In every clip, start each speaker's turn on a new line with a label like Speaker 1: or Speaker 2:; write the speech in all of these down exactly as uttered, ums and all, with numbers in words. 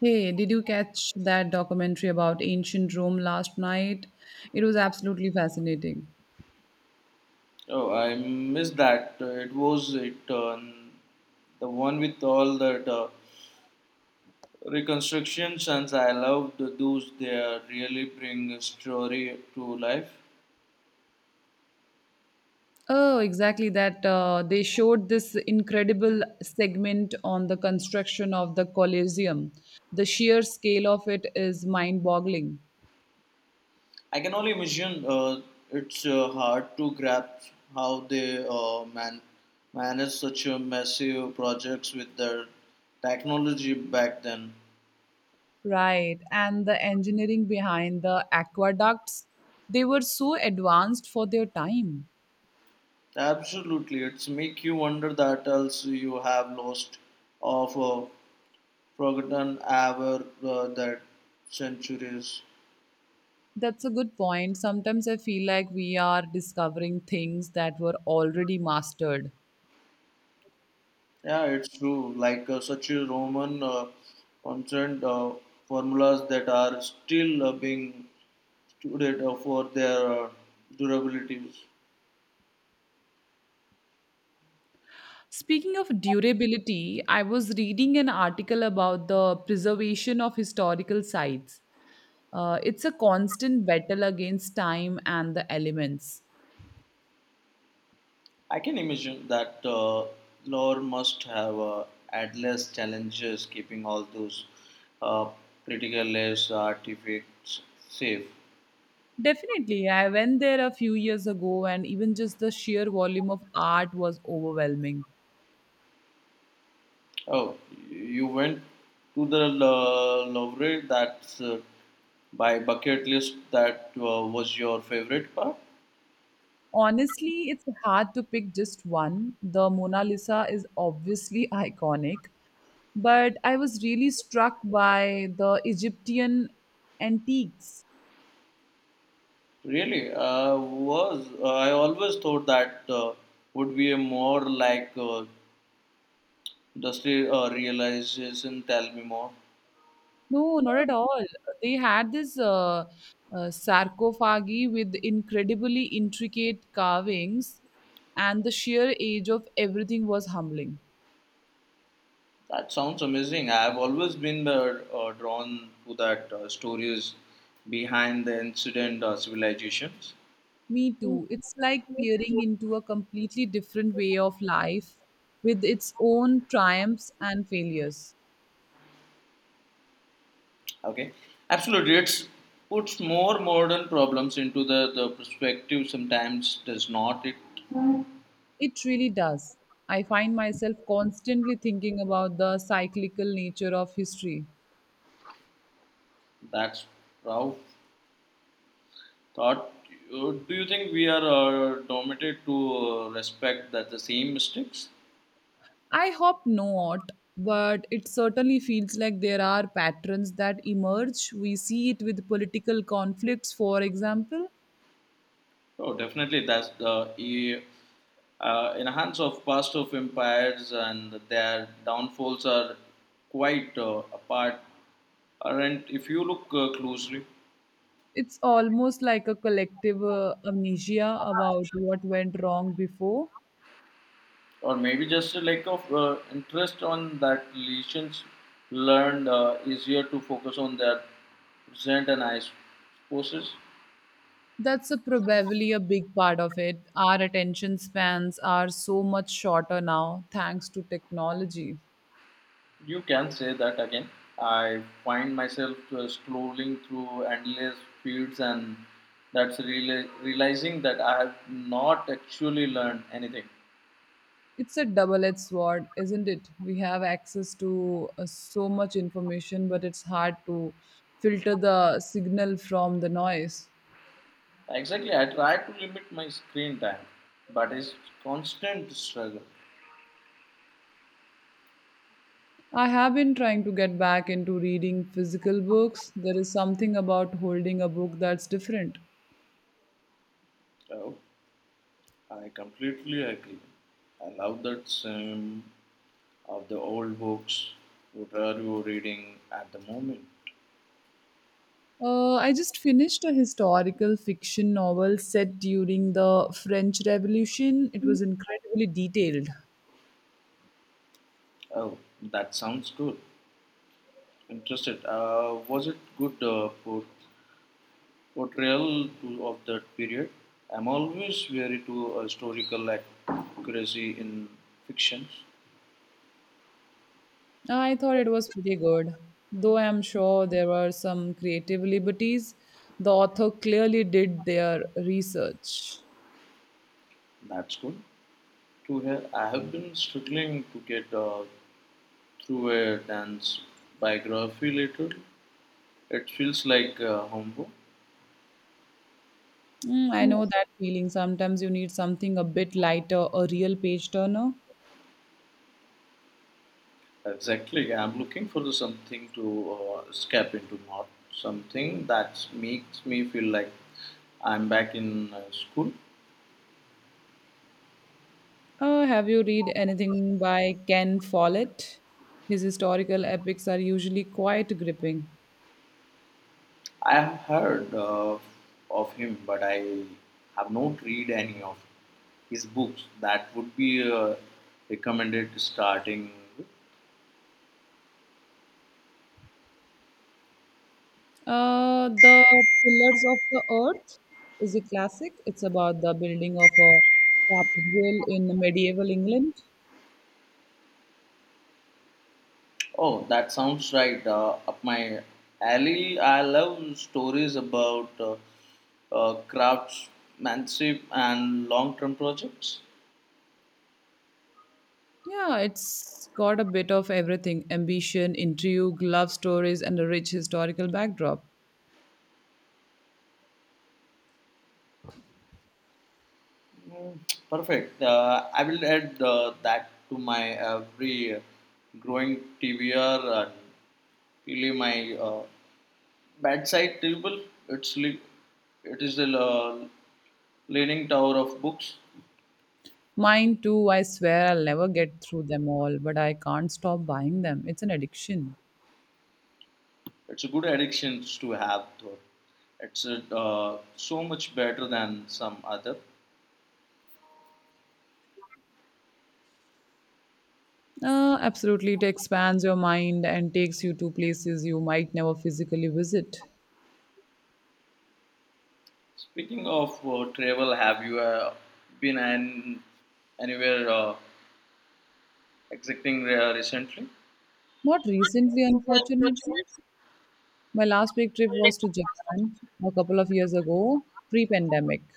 Speaker 1: Hey, did you catch that documentary about ancient Rome last night? It was absolutely fascinating.
Speaker 2: Oh, I missed that. Uh, It was it uh, the one with all that uh, reconstructions, and I loved those. They are really bring a story to life.
Speaker 1: Oh, exactly that. Uh, they showed this incredible segment on the construction of the Colosseum. The sheer scale of it is mind boggling.
Speaker 2: I can only imagine uh, it's uh, hard to grasp how they uh, man manage such a massive projects with their technology back then.
Speaker 1: Right. And the engineering behind the aqueducts, they were so advanced for their time.
Speaker 2: Absolutely, it's make you wonder that else you have lost of. Uh, forgotten ever uh, that centuries.
Speaker 1: That's a good point. Sometimes I feel like we are discovering things that were already mastered.
Speaker 2: Yeah, it's true. Like uh, such a Roman uh, constant uh, formulas that are still uh, being studied uh, for their uh, durability.
Speaker 1: Speaking of durability, I was reading an article about the preservation of historical sites. Uh, it's a constant battle against time and the elements.
Speaker 2: I can imagine that uh, lore must have uh, endless challenges keeping all those uh, criticaless artifacts safe.
Speaker 1: Definitely, I went there a few years ago, and even just the sheer volume of art was overwhelming.
Speaker 2: Oh, you went to the uh, Louvre. That's uh, By bucket list, that uh, was your favorite part?
Speaker 1: Honestly, it's hard to pick just one. The Mona Lisa is obviously iconic, but I was really struck by the Egyptian antiques.
Speaker 2: Really? Uh, was. Uh, I always thought that uh, would be a more like uh, just a uh, realization, tell me more.
Speaker 1: No, not at all. They had this uh, uh, sarcophagi with incredibly intricate carvings, and the sheer age of everything was humbling.
Speaker 2: That sounds amazing. I've always been uh, uh, drawn to that uh, stories behind the incident uh, civilizations.
Speaker 1: Me too. It's like peering into a completely different way of life with its own triumphs and failures.
Speaker 2: Okay, absolutely. It puts more modern problems into the, the perspective sometimes, does not it?
Speaker 1: It really does. I find myself constantly thinking about the cyclical nature of history.
Speaker 2: That's proud. Thought, uh, do you think we are uh, dominated to uh, respect that the same mistakes?
Speaker 1: I hope not, but it certainly feels like there are patterns that emerge. We see it with political conflicts, for example.
Speaker 2: Oh, definitely. That's the e- uh, in the hands of past of empires and their downfalls are quite uh, apart. Aren't if you look uh, closely,
Speaker 1: It's almost like a collective uh, amnesia about what went wrong before.
Speaker 2: or maybe just a lack of uh, interest on that lesions learned uh, easier to focus on their present and eyes forces.
Speaker 1: That's a, probably a big part of it. Our attention spans are so much shorter now, thanks to technology.
Speaker 2: You can say that again. I find myself uh, scrolling through endless feeds, and that's reali- realizing that I have not actually learned anything.
Speaker 1: It's a double-edged sword, isn't it? We have access to uh, so much information, but it's hard to filter the signal from the noise.
Speaker 2: Exactly, I try to limit my screen time, but it's constant struggle.
Speaker 1: I have been trying to get back into reading physical books. There is something about holding a book that's different.
Speaker 2: Oh, I completely agree. I love that same of the old books. What are you reading at the moment?
Speaker 1: Uh, I just finished a historical fiction novel set during the French Revolution. It was incredibly detailed.
Speaker 2: Oh, that sounds good. Interested. Uh, was it good uh, book portrayal to, of that period. I'm always wary to uh, historical accuracy in fictions.
Speaker 1: I thought it was pretty good, though I'm sure there were some creative liberties. The author clearly did their research.
Speaker 2: That's good to hear. I have been struggling to get uh, through a dance biography later. It feels like uh, homework.
Speaker 1: Mm, I know that feeling. Sometimes you need something a bit lighter, a real page turner.
Speaker 2: Exactly. I'm looking for the something to uh, escape into, not something that makes me feel like I'm back in uh, school.
Speaker 1: Uh, have you read anything by Ken Follett? His historical epics are usually quite gripping.
Speaker 2: I have heard uh, of him, but I have not read any of his books. That would be uh, recommended starting. With.
Speaker 1: Uh, the Pillars of the Earth is a classic. It's about the building of a cathedral in medieval England.
Speaker 2: Oh, that sounds right. Uh, up my alley. I love stories about uh, uh, craftsmanship and long-term projects.
Speaker 1: Yeah, it's got a bit of everything ambition, intrigue, love stories, and a rich historical backdrop.
Speaker 2: Mm, Perfect. Uh, I will add uh, that to my every growing T B R and really my uh, Bedside table. It's li- it is the uh, leaning tower of books.
Speaker 1: Mine too, I swear I'll never get through them all, but I can't stop buying them. It's an addiction.
Speaker 2: It's a good addiction to have though. It's uh, so much better than some other.
Speaker 1: Uh, absolutely, it expands your mind and takes you to places you might never physically visit.
Speaker 2: Speaking of uh, travel, have you uh, been an- anywhere uh, exciting uh, recently?
Speaker 1: Not recently, unfortunately. My last big trip was to Japan a couple of years ago, pre pandemic.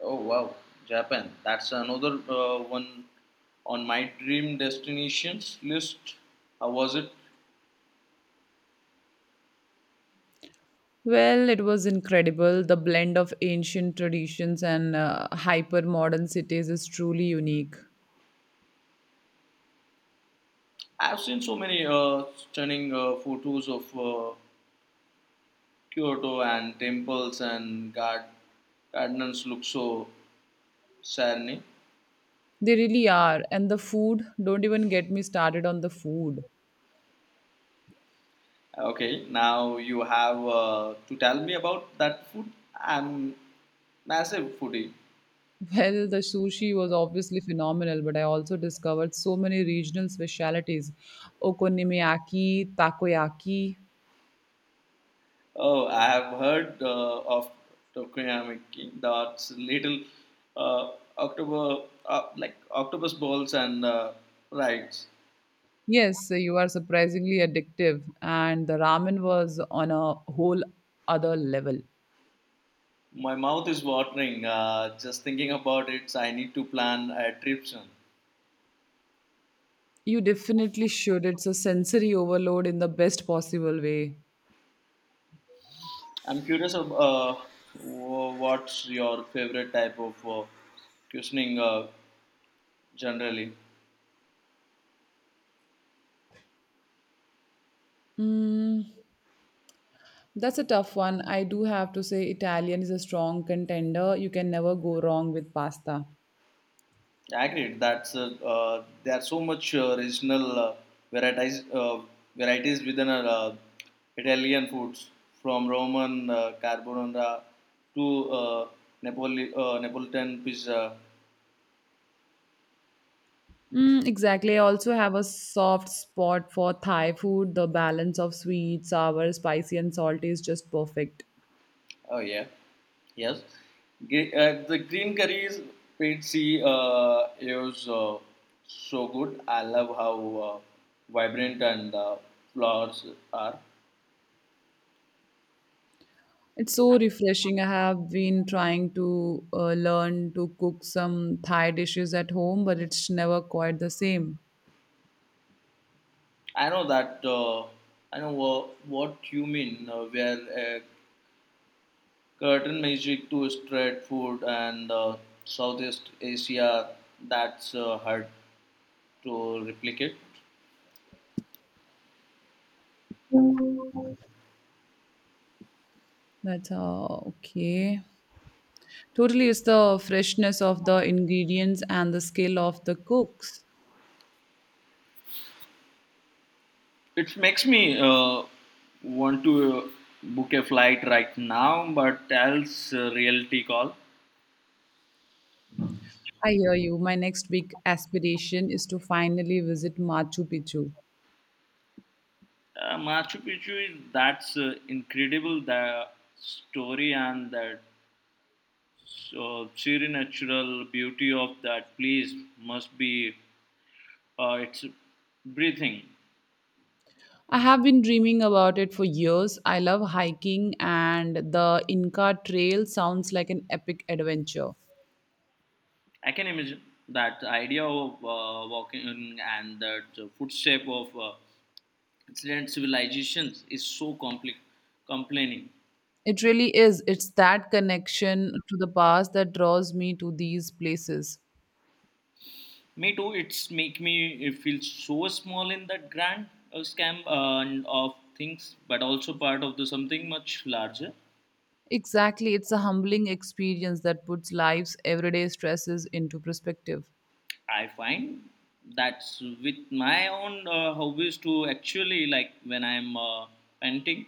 Speaker 2: Oh wow, Japan. That's another uh, one on my dream destinations list. How was it?
Speaker 1: Well, it was incredible. The blend of ancient traditions and uh, hyper modern cities is truly unique.
Speaker 2: I've seen so many uh, stunning uh, photos of uh, Kyoto and temples and gard- gardens look so serene.
Speaker 1: They really are. And the food, don't even get me started on the food.
Speaker 2: Okay, now you have uh, to tell me about that food. I'm massive foodie.
Speaker 1: Well, the sushi was obviously phenomenal, but I also discovered so many regional specialities okonomiyaki, takoyaki.
Speaker 2: Oh, I have heard uh, of Tokuyamaki. That's little uh, october uh, like octopus balls and uh, rides.
Speaker 1: Yes, you are surprisingly addictive. And the ramen was on a whole other level.
Speaker 2: My mouth is watering uh, just thinking about it. I need to plan a trip soon.
Speaker 1: You definitely should. It's a sensory overload in the best possible way.
Speaker 2: I'm curious of uh, wh- what's your favorite type of uh, cuisine uh, generally.
Speaker 1: Mm, that's a tough one. I do have to say, Italian is a strong contender. You can never go wrong with pasta.
Speaker 2: Agreed. That's uh, uh, there are so much uh, regional uh, varieties uh, varieties within our, uh, Italian foods, from Roman uh, carbonara to uh, Napoli uh, Neapolitan pizza.
Speaker 1: Mm, exactly. I also have a soft spot for Thai food. The balance of sweet, sour, spicy, and salty is just perfect.
Speaker 2: Oh yeah, yes. Gre- uh, the green curries Pepsi uh, is uh, so good. I love how uh, vibrant and uh, flowers are.
Speaker 1: It's so refreshing. I have been trying to uh, learn to cook some Thai dishes at home, but it's never quite the same.
Speaker 2: I know that. Uh, I know wha- what you mean. Uh, where uh, curtain magic to street food and uh, Southeast Asia, that's uh, hard to replicate.
Speaker 1: That's uh, okay. Totally, it's the freshness of the ingredients and the skill of the cooks.
Speaker 2: It makes me uh, want to uh, book a flight right now, but else uh, reality call.
Speaker 1: I hear you. My next big aspiration is to finally visit Machu Picchu.
Speaker 2: Uh, Machu Picchu is that's uh, incredible the story and that so sheer natural beauty of that place must be uh, it's breathing.
Speaker 1: I have been dreaming about it for years. I love hiking, and the Inca Trail sounds like an epic adventure.
Speaker 2: I can imagine that idea of uh, walking in and that uh, footstep of uh, ancient civilizations is so complex complaining.
Speaker 1: It really is. It's that connection to the past that draws me to these places.
Speaker 2: Me too. It's make me uh, feel so small in that grand uh, scam uh, and of things, but also part of the something much larger.
Speaker 1: Exactly. It's a humbling experience that puts life's everyday stresses into perspective.
Speaker 2: I find that's with my own uh, hobbies to actually like when I'm uh, painting,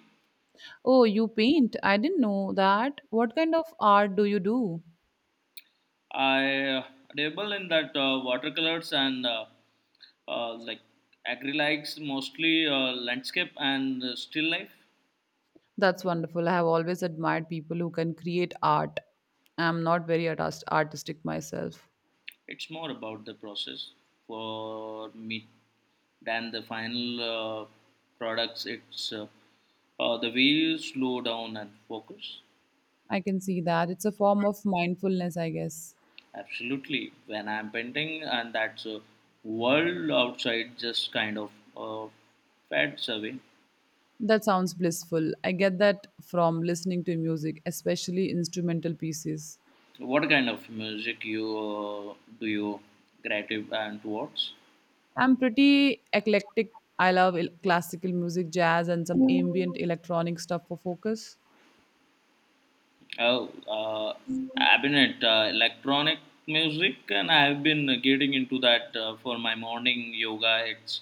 Speaker 1: Oh, you paint? I didn't know that. What kind of art do you do?
Speaker 2: I uh, dabble in that uh, watercolors and uh, uh, like acrylics, mostly uh, landscape and uh, still life.
Speaker 1: That's wonderful. I have always admired people who can create art. I'm not very artist- artistic myself.
Speaker 2: It's more about the process for me than the final uh, products. It's uh, uh, The way you slow down and focus.
Speaker 1: I can see that. It's a form of mindfulness, I guess.
Speaker 2: Absolutely. When I'm painting, and that's a world outside just kind of uh, fades away.
Speaker 1: That sounds blissful. I get that from listening to music, especially instrumental pieces.
Speaker 2: What kind of music you uh, do you creative and towards?
Speaker 1: I'm pretty eclectic. I love el- classical music, jazz, and some ambient electronic stuff for focus.
Speaker 2: Oh, uh, I've been at uh, electronic music, and I've been getting into that uh, for my morning yoga. It's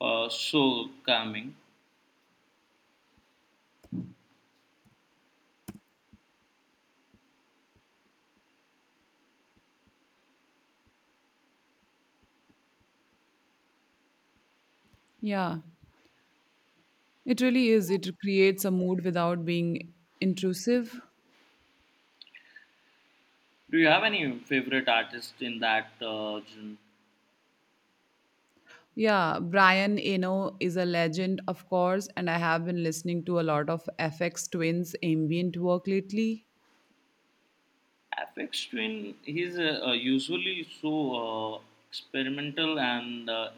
Speaker 2: uh, so calming.
Speaker 1: Yeah. It really is. It creates a mood without being intrusive.
Speaker 2: Do you have any favorite artist in that uh, genre?
Speaker 1: Yeah, Brian Eno is a legend, of course, and I have been listening to a lot of F X Twins ambient work lately.
Speaker 2: Apex Twin, he's uh, uh, usually so uh, experimental and uh,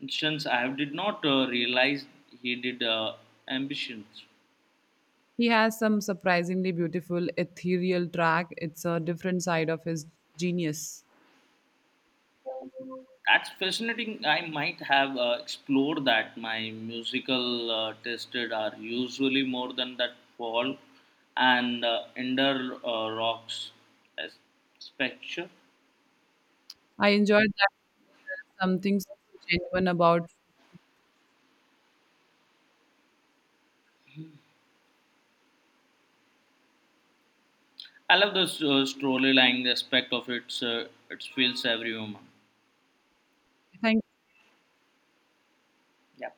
Speaker 2: instance I did not uh, realize he did uh, ambitions.
Speaker 1: He has some surprisingly beautiful ethereal track. It's a different side of his genius.
Speaker 2: That's fascinating. I might have uh, explored that. My musical uh, tasted are usually more than that folk and uh, indoor uh, rocks as spectrum.
Speaker 1: I enjoyed that. There's something so genuine about.
Speaker 2: I love the uh, storyline aspect of it. Uh, it feels every human.
Speaker 1: Thank
Speaker 2: Yeah.